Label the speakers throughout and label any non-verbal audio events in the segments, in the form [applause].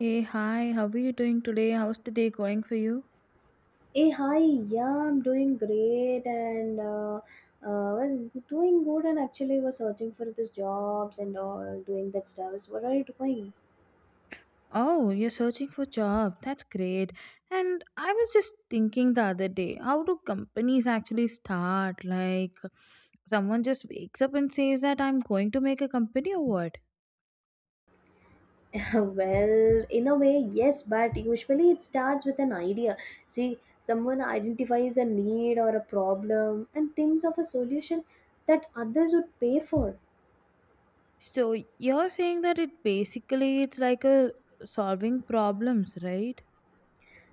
Speaker 1: Hey, hi, how are you doing today? How's the day going for you?
Speaker 2: Hey, hi, yeah, I'm doing great and was doing good and actually was searching for these jobs and all doing that stuff. So what are you doing?
Speaker 1: Oh, you're searching for job. That's great. And I was just thinking the other day, how do companies actually start? Like someone just wakes up and says that I'm going to make a company or what?
Speaker 2: [laughs] Well, in a way, yes, but usually it starts with an idea. See, someone identifies a need or a problem and thinks of a solution that others would pay for.
Speaker 1: So you're saying that it basically it's like a solving problems, right?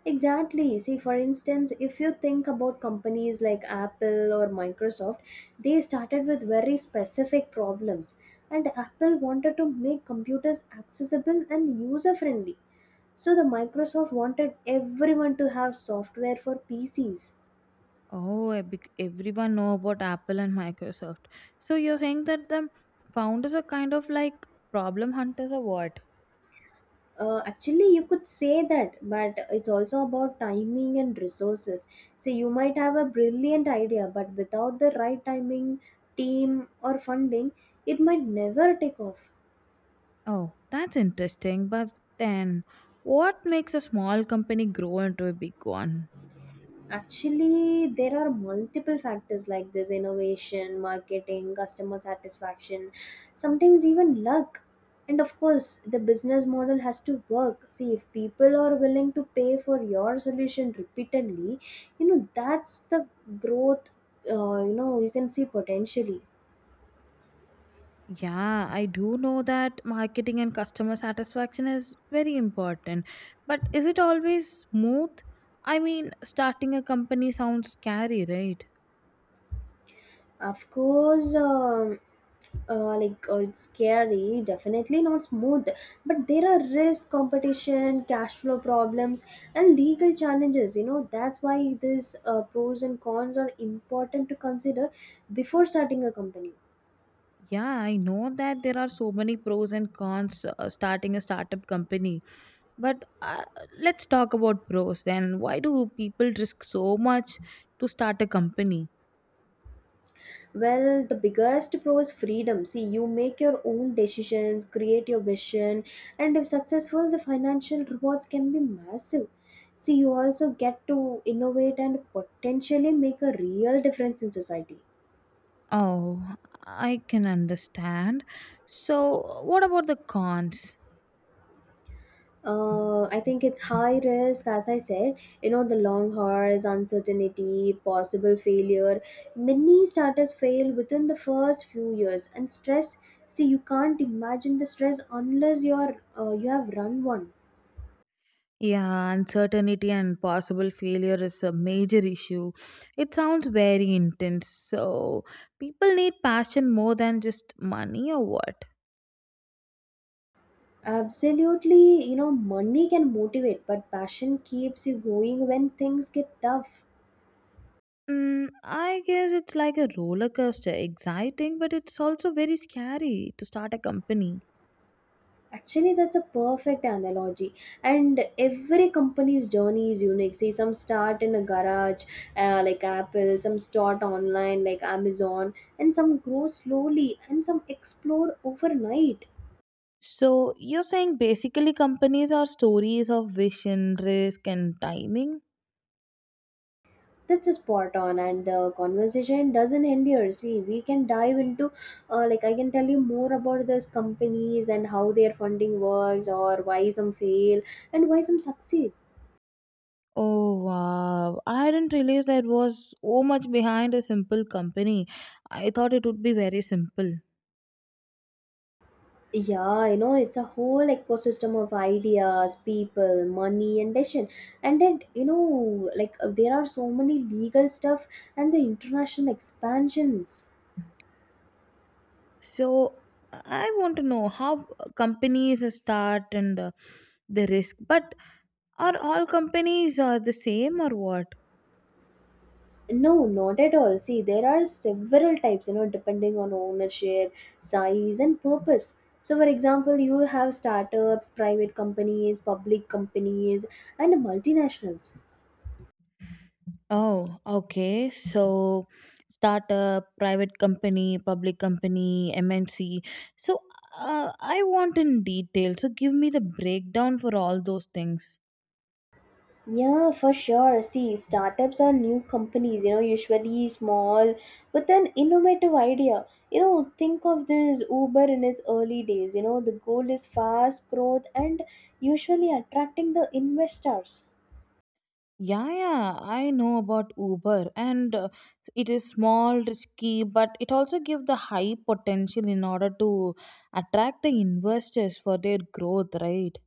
Speaker 2: Exactly. See, for instance, if you think about companies like Apple or Microsoft, they started with very specific problems. And Apple wanted to make computers accessible and user friendly. So, the Microsoft wanted everyone to have software for PCs.
Speaker 1: Everyone know about Apple and Microsoft. So you're saying that the founders are kind of like problem hunters or what?
Speaker 2: Actually, you could say that, but it's also about timing and resources. See, you might have a brilliant idea, but without the right timing, team, or funding, it might never take off.
Speaker 1: Oh, that's interesting. But then, what makes a small company grow into a big one?
Speaker 2: Actually, there are multiple factors like this innovation, marketing, customer satisfaction, sometimes even luck. And of course, the business model has to work. See, if people are willing to pay for your solution repeatedly, you know, that's the growth, you know, you can see potentially.
Speaker 1: Yeah, I do know that marketing and customer satisfaction is very important. But is it always smooth? I mean, starting a company sounds scary, right?
Speaker 2: Of course, it's scary, definitely not smooth, but there are risk, competition, cash flow problems, and legal challenges. You know, that's why these pros and cons are important to consider before starting a company.
Speaker 1: Yeah, I know that there are so many pros and cons starting a startup company. But Let's talk about pros then. Why do people risk so much to start a company?
Speaker 2: Well, the biggest pro is freedom. See, you make your own decisions, create your vision, and if successful, the financial rewards can be massive. See, you also get to innovate and potentially make a real difference in society.
Speaker 1: Oh, I can understand. So, what about the cons?
Speaker 2: I think it's high risk, as I said, you know, the long hours, uncertainty, possible failure. Many starters fail within the first few years, and stress. See, you can't imagine the stress unless you have run one.
Speaker 1: Yeah, uncertainty and possible failure is a major issue. It sounds very intense. So, people need passion more than just money or what?
Speaker 2: Absolutely, you know, money can motivate, but passion keeps you going when things get tough.
Speaker 1: Mm, I guess it's like a roller coaster, exciting, but it's also very scary to start a company.
Speaker 2: Actually, that's a perfect analogy. And every company's journey is unique. See, some start in a garage, like Apple, some start online, like Amazon, and some grow slowly, and some explore overnight.
Speaker 1: So, you're saying basically companies are stories of vision, risk, and timing?
Speaker 2: That's a spot on, and the conversation doesn't end here. See, we can dive into, I can tell you more about these companies and how their funding works, or why some fail and why some succeed.
Speaker 1: Oh wow, I didn't realize there was so much behind a simple company. I thought it would be very simple.
Speaker 2: Yeah, you know, it's a whole ecosystem of ideas, people, money, and decision. And then, you know, there are so many legal stuff and the international expansions.
Speaker 1: So I want to know how companies start and the risk. But are all companies the same or what?
Speaker 2: No, not at all. See, there are several types, you know, depending on ownership, size, and purpose. So, for example, you have startups, private companies, public companies, and multinationals.
Speaker 1: Oh, okay. So startup, private company, public company, MNC. So I want in detail. So give me the breakdown for all those things.
Speaker 2: Yeah, for sure. See, startups are new companies, you know, usually small with an innovative idea. You know, think of this Uber in its early days. You know, the goal is fast growth and usually attracting the investors.
Speaker 1: Yeah, yeah, I know about Uber, and it is small, risky, but it also gives the high potential in order to attract the investors for their growth, right?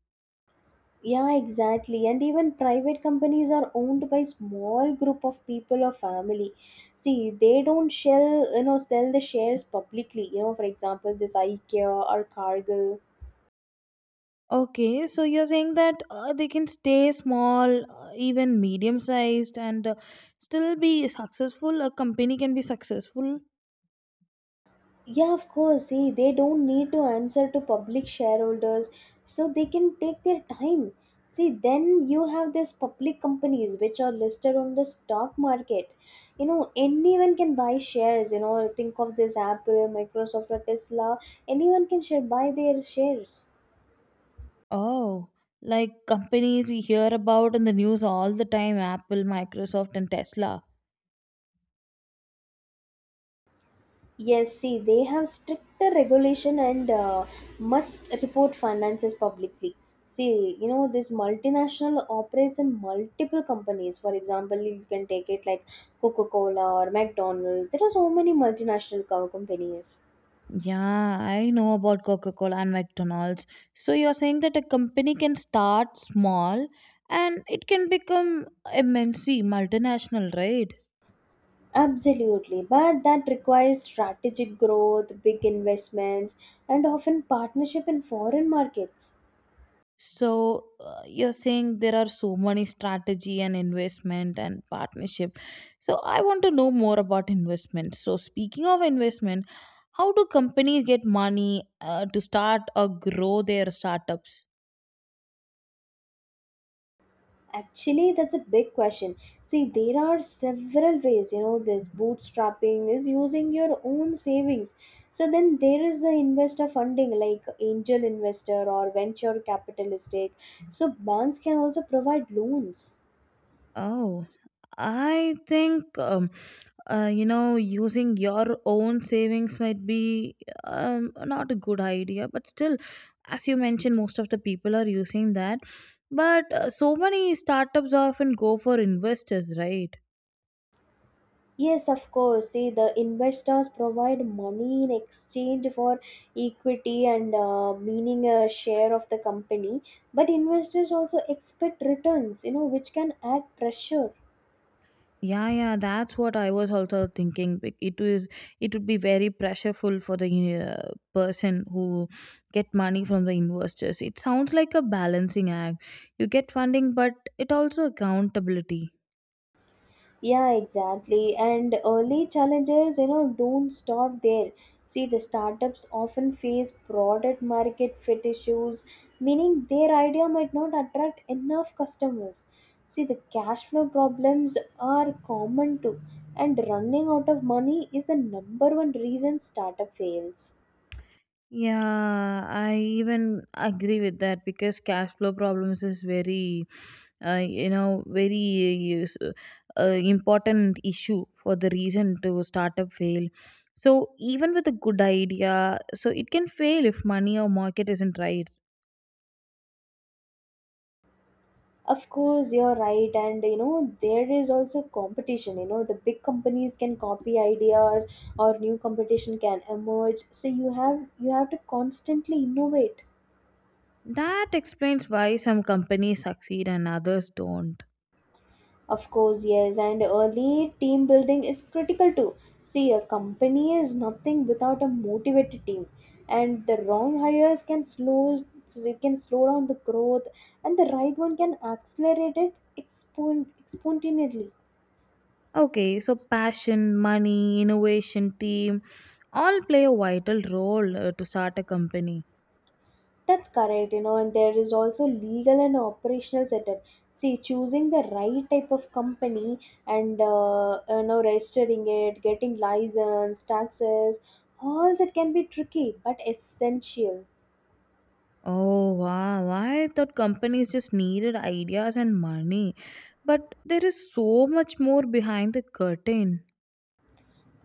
Speaker 2: Yeah, exactly. And even private companies are owned by small group of people or family. See, they don't shell, you know, sell the shares publicly. You know, for example, this IKEA or Cargill.
Speaker 1: Okay, so you're saying that they can stay small, even medium sized, and still be successful. A company can be successful.
Speaker 2: Yeah, of course. See, they don't need to answer to public shareholders, so they can take their time. See, then you have these public companies which are listed on the stock market. You know, anyone can buy shares. You know, think of this Apple, Microsoft, or Tesla. Anyone can share buy their shares.
Speaker 1: Oh, like companies we hear about in the news all the time, Apple, Microsoft, and Tesla.
Speaker 2: Yes, see, they have stricter regulation and must report finances publicly. See, you know, this multinational operates in multiple companies. For example, you can take it like Coca Cola or McDonald's. There are so many multinational companies.
Speaker 1: Yeah, I know about Coca-Cola and McDonald's. So you're saying that a company can start small and it can become MNC, multinational, right?
Speaker 2: Absolutely, but that requires strategic growth, big investments, and often partnership in foreign markets.
Speaker 1: So you're saying there are so many strategy and investment and partnership. So I want to know more about investment. So speaking of investment, how do companies get money to start or grow their startups?
Speaker 2: Actually, that's a big question. See, there are several ways, you know, this bootstrapping is using your own savings. So then there is the investor funding like angel investor or venture capitalistic. So banks can also provide loans.
Speaker 1: Oh, I think you know, using your own savings might be not a good idea, but still, as you mentioned, most of the people are using that. But so many startups often go for investors, right?
Speaker 2: Yes, of course. See, the investors provide money in exchange for equity and meaning a share of the company. But investors also expect returns, you know, which can add pressure.
Speaker 1: Yeah, yeah, that's what I was also thinking. It is, it would be very pressureful for the person who get money from the investors. It sounds like a balancing act. You get funding, but it also accountability.
Speaker 2: Yeah, exactly. And early challenges, you know, don't stop there. See, the startups often face product market fit issues, meaning their idea might not attract enough customers. See, the cash flow problems are common too, and running out of money is the number one reason startup fails.
Speaker 1: Yeah, I even agree with that because cash flow problems is very you know, very uh, important issue for the reason to startup fail. So even with a good idea, so it can fail if money or market isn't right.
Speaker 2: Of course, you're right, and you know there is also competition. You know the big companies can copy ideas, or new competition can emerge. So you have to constantly innovate.
Speaker 1: That explains why some companies succeed and others don't.
Speaker 2: Of course, yes, and early team building is critical too. See, a company is nothing without a motivated team, and the wrong hires can slow so it can slow down the growth, and the right one can accelerate it exponentially.
Speaker 1: Okay, so passion, money, innovation, team, all play a vital role to start a company.
Speaker 2: That's correct, you know, and there is also legal and operational setup. See, choosing the right type of company and you know registering it, getting license, taxes, all that can be tricky but essential.
Speaker 1: Oh wow, why I thought companies just needed ideas and money. But there is so much more behind the curtain.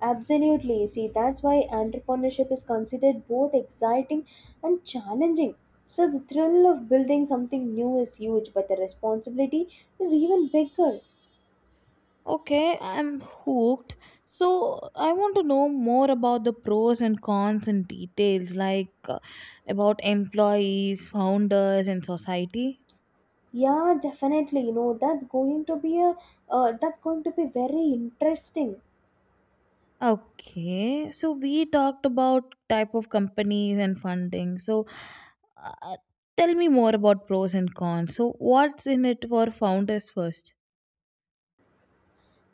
Speaker 2: Absolutely. See, that's why entrepreneurship is considered both exciting and challenging. So the thrill of building something new is huge, but the responsibility is even bigger.
Speaker 1: Okay, I'm hooked. So I want to know more about the pros and cons and details, like about employees, founders and society.
Speaker 2: Yeah, definitely. You know, that's going to be a that's going to be very interesting.
Speaker 1: Okay, so we talked about type of companies and funding. So uh, tell me more about pros and cons. So what's in it for founders first?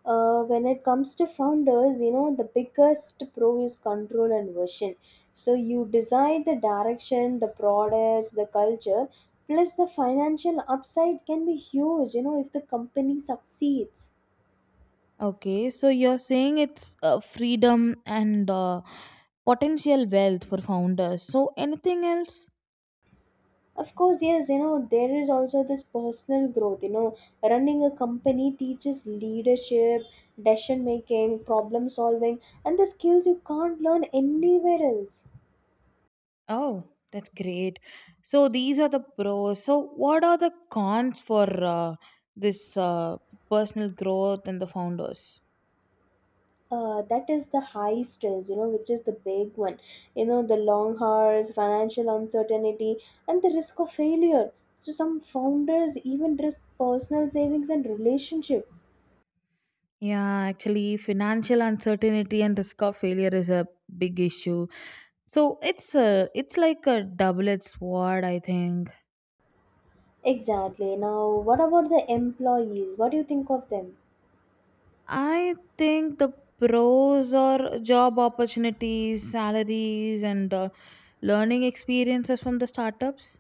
Speaker 2: When it comes to founders, you know, the biggest pro is control and vision. So you decide the direction, the products, the culture, plus the financial upside can be huge. You know, if the company succeeds.
Speaker 1: Okay, so you're saying it's freedom and potential wealth for founders. So anything else?
Speaker 2: Of course, yes, you know, there is also this personal growth. You know, running a company teaches leadership, decision making, problem solving, and the skills you can't learn anywhere else.
Speaker 1: Oh, that's great. So these are the pros. So what are the cons for this personal growth and the founders?
Speaker 2: That is the high stress, you know, which is the big one. You know, the long hours, financial uncertainty, and the risk of failure. So, some founders even risk personal savings and relationship.
Speaker 1: Yeah, actually, financial uncertainty and risk of failure is a big issue. So it's a, it's like a double-edged sword, I think.
Speaker 2: Exactly. Now, what about the employees? What do you think of them?
Speaker 1: I think the pros are job opportunities, salaries, and learning experiences from the startups.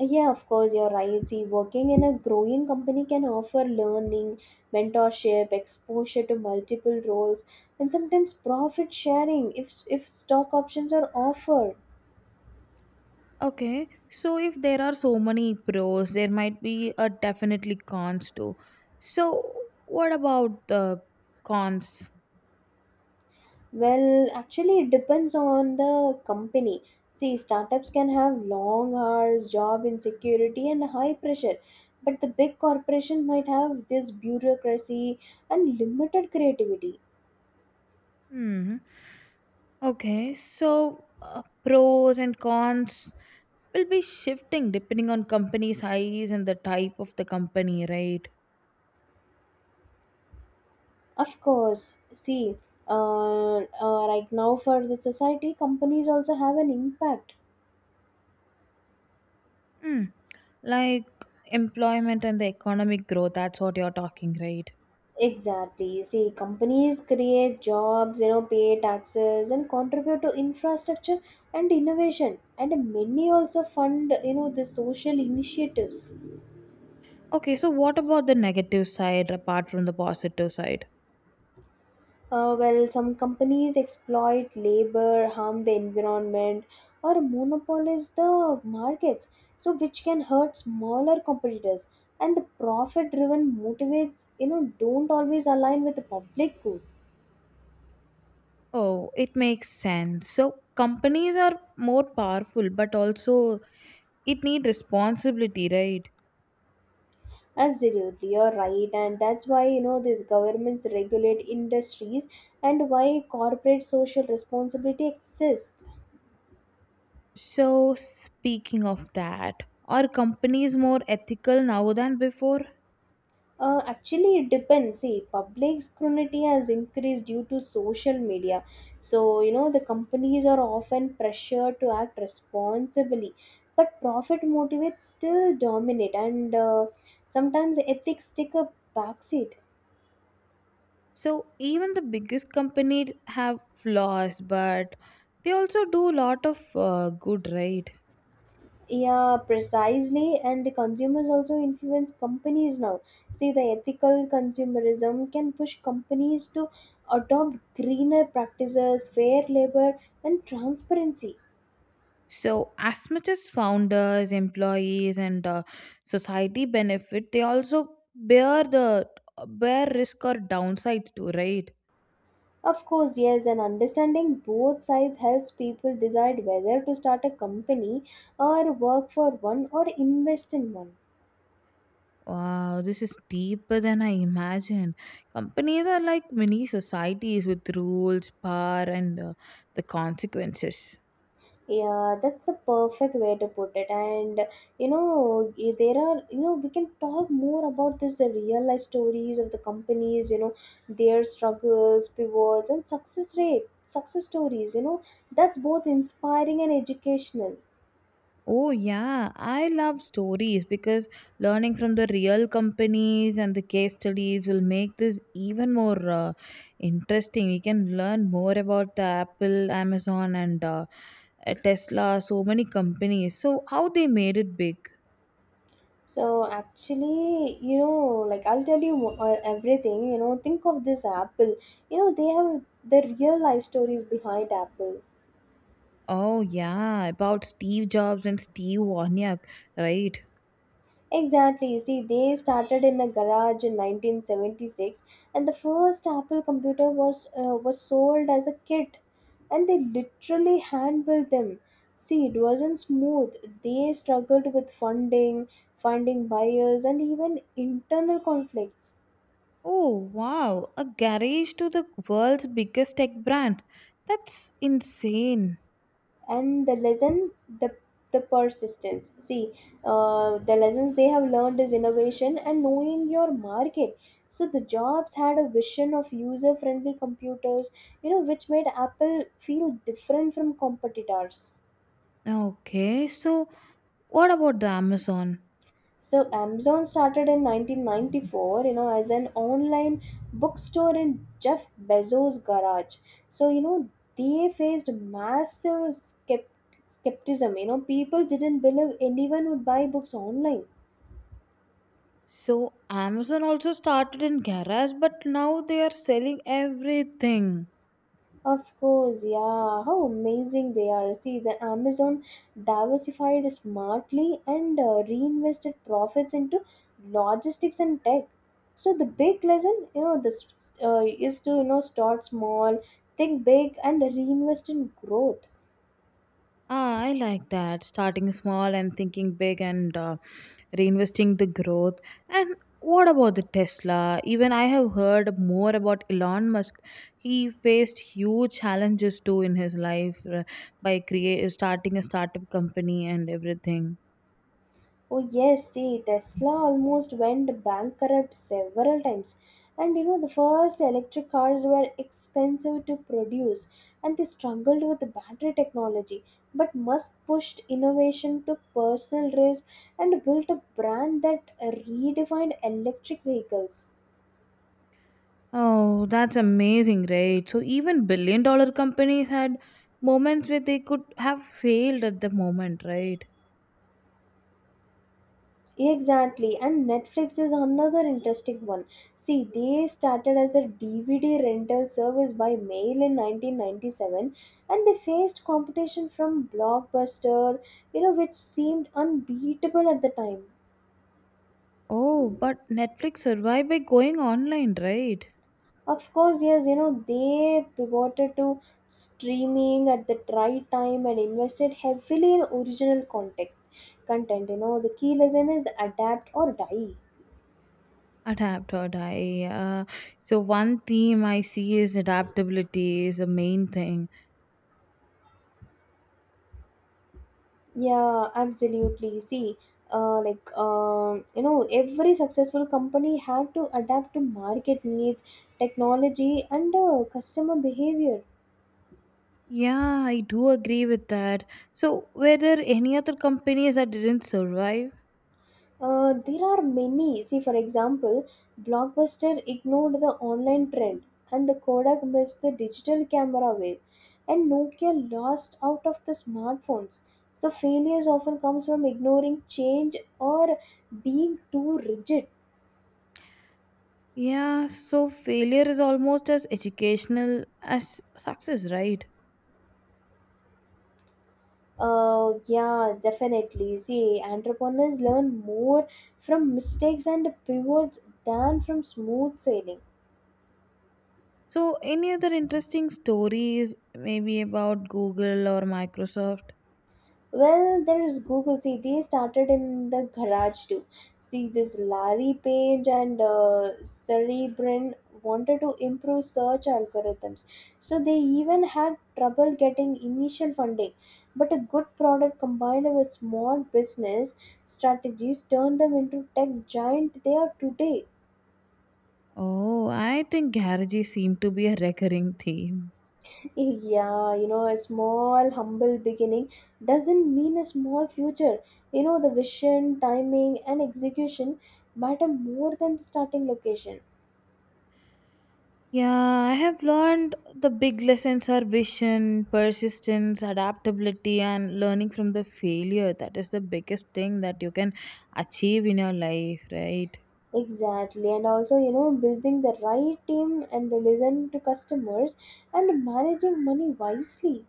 Speaker 2: Yeah, of course, you're right. See, working in a growing company can offer learning, mentorship, exposure to multiple roles, and sometimes profit sharing if stock options are offered.
Speaker 1: Okay, so if there are so many pros, there might be a definitely cons too. So what about the cons?
Speaker 2: Well, actually, it depends on the company. See, startups can have long hours, job insecurity, and high pressure, but the big corporation might have this bureaucracy and limited creativity.
Speaker 1: Hmm. Okay, so pros and cons will be shifting depending on company size and the type of the company, right?
Speaker 2: Of course, see, uh, right now for the society, companies also have an impact.
Speaker 1: Hmm, like employment and the economic growth, that's what you're talking, right?
Speaker 2: Exactly. See, companies create jobs, you know, pay taxes and contribute to infrastructure and innovation. And many also fund, you know, the social initiatives.
Speaker 1: Okay, so what about the negative side apart from the positive side?
Speaker 2: Well, some companies exploit labor, harm the environment, or monopolize the markets, so which can hurt smaller competitors. And the profit-driven motivates, you know, don't always align with the public good.
Speaker 1: Oh, it makes sense. So companies are more powerful, but also it need responsibility, right?
Speaker 2: Absolutely, you're right, and that's why you know these governments regulate industries and why corporate social responsibility exists.
Speaker 1: So speaking of that, are companies more ethical now than before?
Speaker 2: Actually, it depends. See, public scrutiny has increased due to social media. So, you know, the companies are often pressured to act responsibly. But profit motivates still dominate, and sometimes ethics take a backseat.
Speaker 1: So even the biggest companies have flaws, but they also do a lot of good, right?
Speaker 2: Yeah, precisely. And the consumers also influence companies now. See, the ethical consumerism can push companies to adopt greener practices, fair labor, and transparency.
Speaker 1: So, as much as founders, employees, and society benefit, they also bear the bear risk or downsides too, right?
Speaker 2: Of course, yes, and understanding both sides helps people decide whether to start a company or work for one or invest in one.
Speaker 1: Wow, this is deeper than I imagined. Companies are like mini societies with rules, power, and the consequences.
Speaker 2: Yeah, that's a perfect way to put it. And you know, there are, you know, we can talk more about this, the real life stories of the companies, you know, their struggles, pivots, and success stories. You know, that's both inspiring and educational.
Speaker 1: Oh, yeah. I love stories because learning from the real companies and the case studies will make this even more interesting. You can learn more about the Apple, Amazon, and Tesla, so many companies. So, how they made it big.
Speaker 2: So actually, you know, I'll tell you everything. You know, think of this Apple. You know, they have the real life stories behind Apple.
Speaker 1: Oh, yeah. About Steve Jobs and Steve Wozniak, right?
Speaker 2: Exactly. See, they started in a garage in 1976, and the first Apple computer was sold as a kit, and they literally hand built them. See, it wasn't smooth. They struggled with funding, finding buyers, and even internal conflicts.
Speaker 1: Oh, wow. A garage to the world's biggest tech brand. That's insane.
Speaker 2: And the lesson, the the persistence. See, the lessons they have learned is innovation and knowing your market. So the jobs had a vision of user friendly computers, you know, which made Apple feel different from competitors.
Speaker 1: Okay, so. What about the Amazon?
Speaker 2: So Amazon started in 1994, you know, as an online bookstore in Jeff Bezos' garage. So, you know, they faced massive skepticism. You know, people didn't believe anyone would buy books online.
Speaker 1: So Amazon also started in garage, but now they are selling everything.
Speaker 2: Of course, yeah. How amazing they are. See, the Amazon diversified smartly and reinvested profits into logistics and tech. So the big lesson, you know, this is to, you know, start small, think big, and reinvest in growth.
Speaker 1: Ah, I like that. Starting small and thinking big and reinvesting the growth. And what about the Tesla? Even I have heard more about Elon Musk. He faced huge challenges too in his life by create starting a startup company and everything.
Speaker 2: Oh yes, see Tesla almost went bankrupt several times, and you know the first electric cars were expensive to produce, and they struggled with the battery technology, but Musk pushed innovation, took personal risk, and built a brand that redefined electric vehicles.
Speaker 1: Oh, that's amazing, right? So even billion-dollar companies had moments where they could have failed at the moment, right?
Speaker 2: Exactly, and Netflix is another interesting one. See, they started as a DVD rental service by mail in 1997, and they faced competition from Blockbuster, you know, which seemed unbeatable at the time.
Speaker 1: Oh, but Netflix survived by going online, right?
Speaker 2: Of course, yes, you know, they pivoted to streaming at the right time and invested heavily in original content. Content, you know, the key lesson is adapt or die.
Speaker 1: Adapt or die. So one theme I see is adaptability is the main thing.
Speaker 2: Yeah, absolutely. See, you know, every successful company had to adapt to market needs, technology, and customer behavior.
Speaker 1: Yeah, I do agree with that. So were there any other companies that didn't survive?
Speaker 2: There are many. See, for example, Blockbuster ignored the online trend, and the Kodak missed the digital camera wave, and Nokia lost out of the smartphones. So failures often comes from ignoring change or being too rigid.
Speaker 1: Yeah, so failure is almost as educational as success, right?
Speaker 2: Yeah, definitely. See, entrepreneurs learn more from mistakes and pivots than from smooth sailing.
Speaker 1: So, any other interesting stories, maybe about Google or Microsoft?
Speaker 2: Well, there is Google. See, they started in the garage too. See, this Larry Page and Sergey Brin wanted to improve search algorithms. So they even had trouble getting initial funding. But a good product combined with small business strategies turned them into tech giant they are today.
Speaker 1: Oh, I think garages seem to be a recurring theme.
Speaker 2: Yeah, you know, a small, humble beginning doesn't mean a small future. You know, the vision, timing, and execution matter more than the starting location.
Speaker 1: Yeah, I have learned the big lessons are vision, persistence, adaptability, and learning from the failure. That is the biggest thing that you can achieve in your life, right?
Speaker 2: Exactly, and also, you know, building the right team and listen to customers and managing money wisely.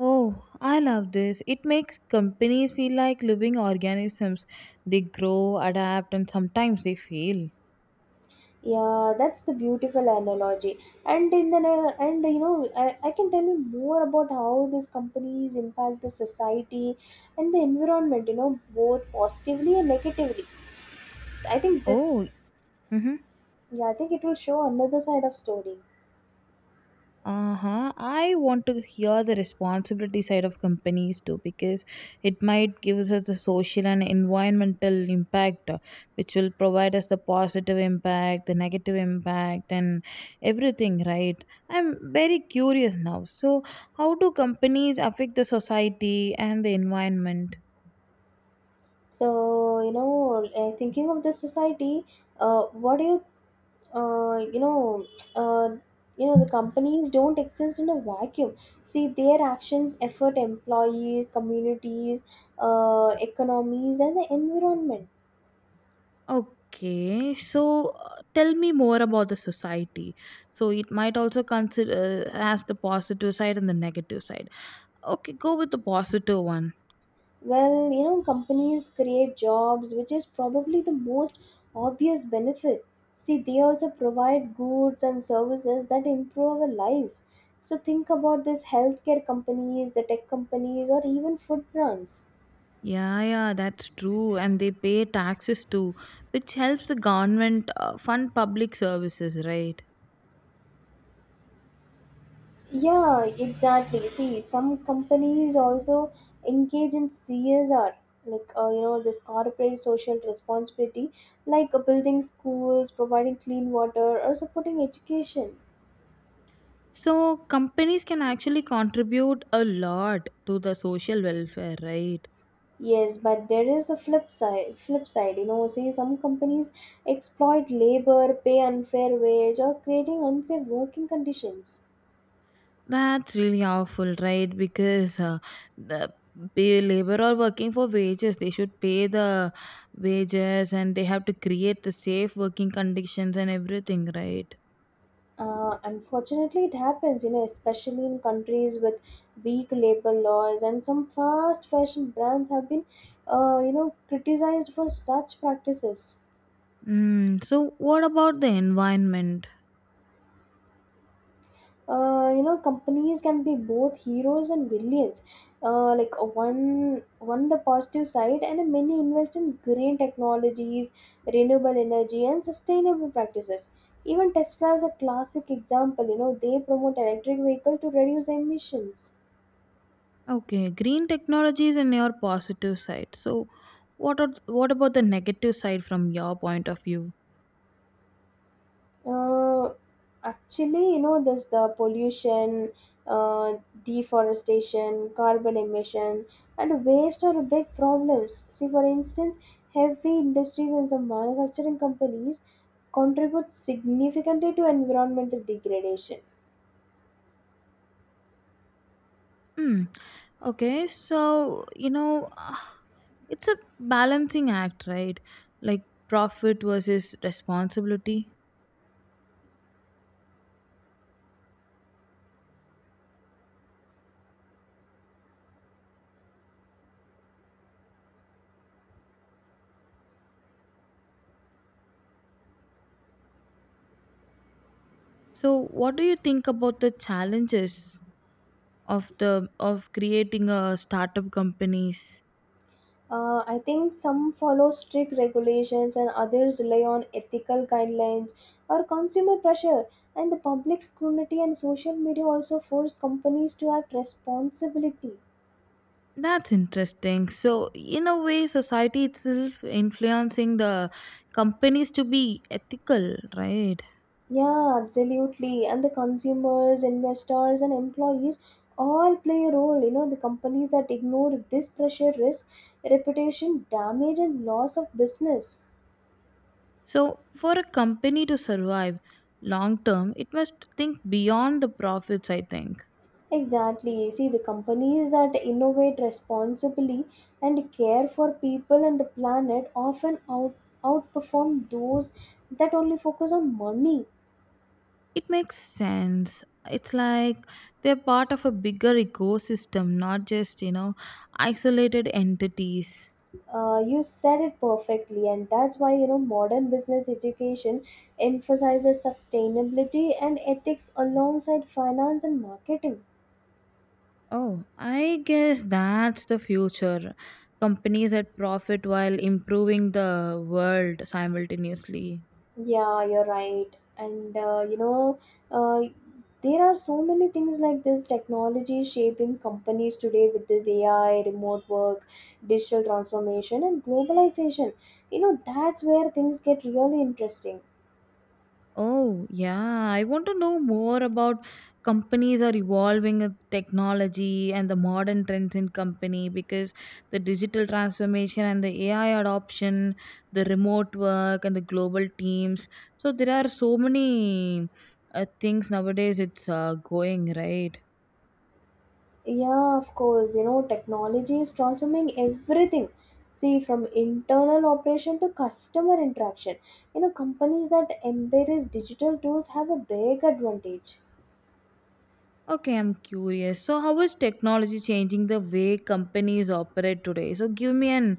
Speaker 1: Oh, I love this. It makes companies feel like living organisms. They grow, adapt, and sometimes they fail.
Speaker 2: Yeah, that's the beautiful analogy. And in the ne- And you know, I can tell you more about how these companies impact the society and the environment, you know, both positively and negatively. I think this,
Speaker 1: Oh, mhm.
Speaker 2: yeah, I think it will show another side of story.
Speaker 1: Uh-huh, I want to hear the responsibility side of companies too, because it might give us the social and environmental impact, which will provide us the positive impact, the negative impact and everything, right? I'm very curious now. So how do companies affect the society and the environment?
Speaker 2: So you know, thinking of the society, what do you, uh, you know, uh, you know, the companies don't exist in a vacuum. See, their actions effort employees, communities, economies, and the environment.
Speaker 1: Okay, so tell me more about the society. So it might also consider as the positive side and the negative side. Okay, go with the positive one.
Speaker 2: Well, you know, companies create jobs, which is probably the most obvious benefit. See, they also provide goods and services that improve our lives. So, think about this healthcare companies, the tech companies, or even food brands.
Speaker 1: Yeah, yeah, that's true. And they pay taxes too, which helps the government fund public services, right?
Speaker 2: Yeah, exactly. See, some companies also engage in CSR, like you know, this corporate social responsibility, like building schools, providing clean water, or supporting education.
Speaker 1: So, companies can actually contribute a lot to the social welfare, right?
Speaker 2: Yes, but there is a flip side. Flip side, you know, see some companies exploit labor, pay unfair wage, or creating unsafe working conditions.
Speaker 1: That's really awful, right? Because the pay labor are working for wages. They should pay the wages and they have to create the safe working conditions and everything, right?
Speaker 2: Unfortunately, it happens, you know, especially in countries with weak labor laws, and some fast fashion brands have been, you know, criticized for such practices.
Speaker 1: Mm, so, what about the environment?
Speaker 2: You know, companies can be both heroes and villains, one the positive side, and many invest in green technologies, renewable energy, and sustainable practices. Even Tesla is a classic example, you know, they promote electric vehicle to reduce emissions.
Speaker 1: Okay, green technologies and your positive side. So, what are what about the negative side from your point of view?
Speaker 2: Uh, Actually, you know, there's the pollution, uh, deforestation, carbon emission, and waste are big problems. See, for instance, heavy industries and some manufacturing companies contribute significantly to environmental degradation.
Speaker 1: Hmm. Okay, so you know, it's a balancing act, right? Like profit versus responsibility. So, what do you think about the challenges of the of creating a startup companies?
Speaker 2: I think some follow strict regulations and others rely on ethical guidelines or consumer pressure. And the public scrutiny and social media also force companies to act responsibly.
Speaker 1: That's interesting. So, in a way, society itself influencing the companies to be ethical, right?
Speaker 2: Yeah, absolutely. And the consumers, investors, and employees all play a role. You know, the companies that ignore this pressure risk reputation damage and loss of business.
Speaker 1: So, for a company to survive long term, it must think beyond the profits, I think.
Speaker 2: Exactly. See, the companies that innovate responsibly and care for people and the planet often outperform those that only focus on money.
Speaker 1: It makes sense. It's like they're part of a bigger ecosystem, not just, you know, isolated entities.
Speaker 2: You said it perfectly, and that's why you know modern business education emphasizes sustainability and ethics alongside finance and marketing.
Speaker 1: Oh, I guess that's the future. Companies that profit while improving the world simultaneously.
Speaker 2: Yeah, you're right. And uh, there are so many things like this technology shaping companies today with this AI, remote work, digital transformation, and globalization. You know, that's where things get really interesting.
Speaker 1: Oh, yeah. I want to know more about companies are evolving with technology and the modern trends in company, because the digital transformation and the AI adoption, the remote work and the global teams. So there are so many things nowadays it's going, right?
Speaker 2: Yeah, of course. You know, technology is transforming everything. See, from internal operation to customer interaction. You know, companies that embrace digital tools have a big advantage.
Speaker 1: Okay, I'm curious. So, how is technology changing the way companies operate today? So, give me an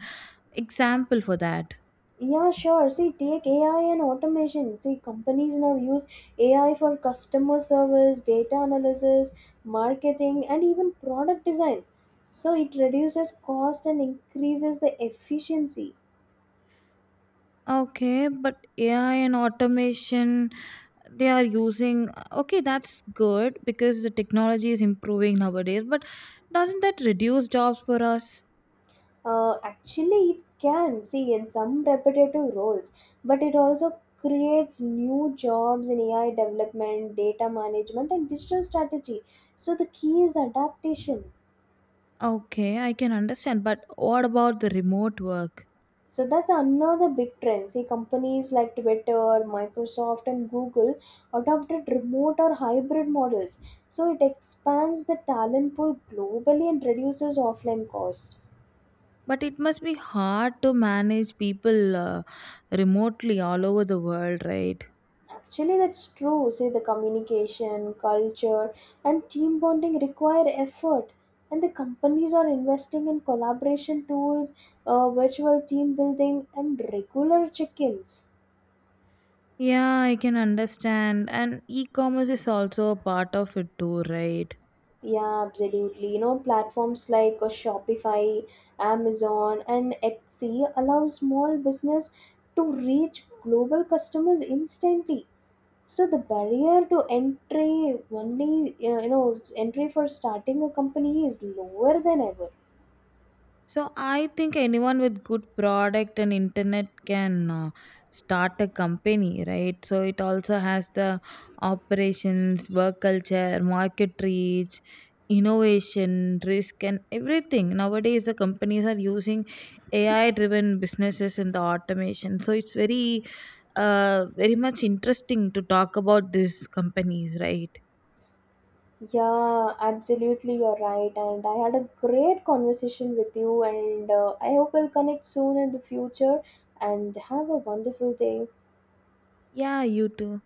Speaker 1: example for that.
Speaker 2: Yeah, sure. See, take AI and automation. See, companies now use AI for customer service, data analysis, marketing, and even product design. So it reduces cost and increases the efficiency.
Speaker 1: Okay, but AI and automation, they are using. Okay, that's good because the technology is improving nowadays, but doesn't that reduce jobs for us?
Speaker 2: Actually, it can see in some repetitive roles, but it also creates new jobs in AI development, data management, and digital strategy. So the key is adaptation.
Speaker 1: Okay, I can understand, but what about the remote work?
Speaker 2: So that's another big trend. See, companies like Twitter, Microsoft, and Google adopted remote or hybrid models. So it expands the talent pool globally and reduces offline costs.
Speaker 1: But it must be hard to manage people remotely all over the world, right?
Speaker 2: Actually, that's true. See, the communication, culture, and team bonding require effort. And the companies are investing in collaboration tools, virtual team building, and regular check ins.
Speaker 1: Yeah, I can understand. And e-commerce is also a part of it too, right?
Speaker 2: Yeah, absolutely. You know, platforms like Shopify, Amazon, and Etsy allow small business to reach global customers instantly. So the barrier to entry only you know, entry for starting a company is lower than ever.
Speaker 1: So I think anyone with good product and internet can start a company, right? So it also has the operations, work culture, market reach, innovation, risk, and everything. Nowadays, the companies are using AI-driven businesses and the automation. So it's very, very much interesting to talk about these companies, right?
Speaker 2: Yeah, absolutely, you're right. And I had a great conversation with you, and I hope we'll connect soon in the future. And have a wonderful day.
Speaker 1: Yeah, you too.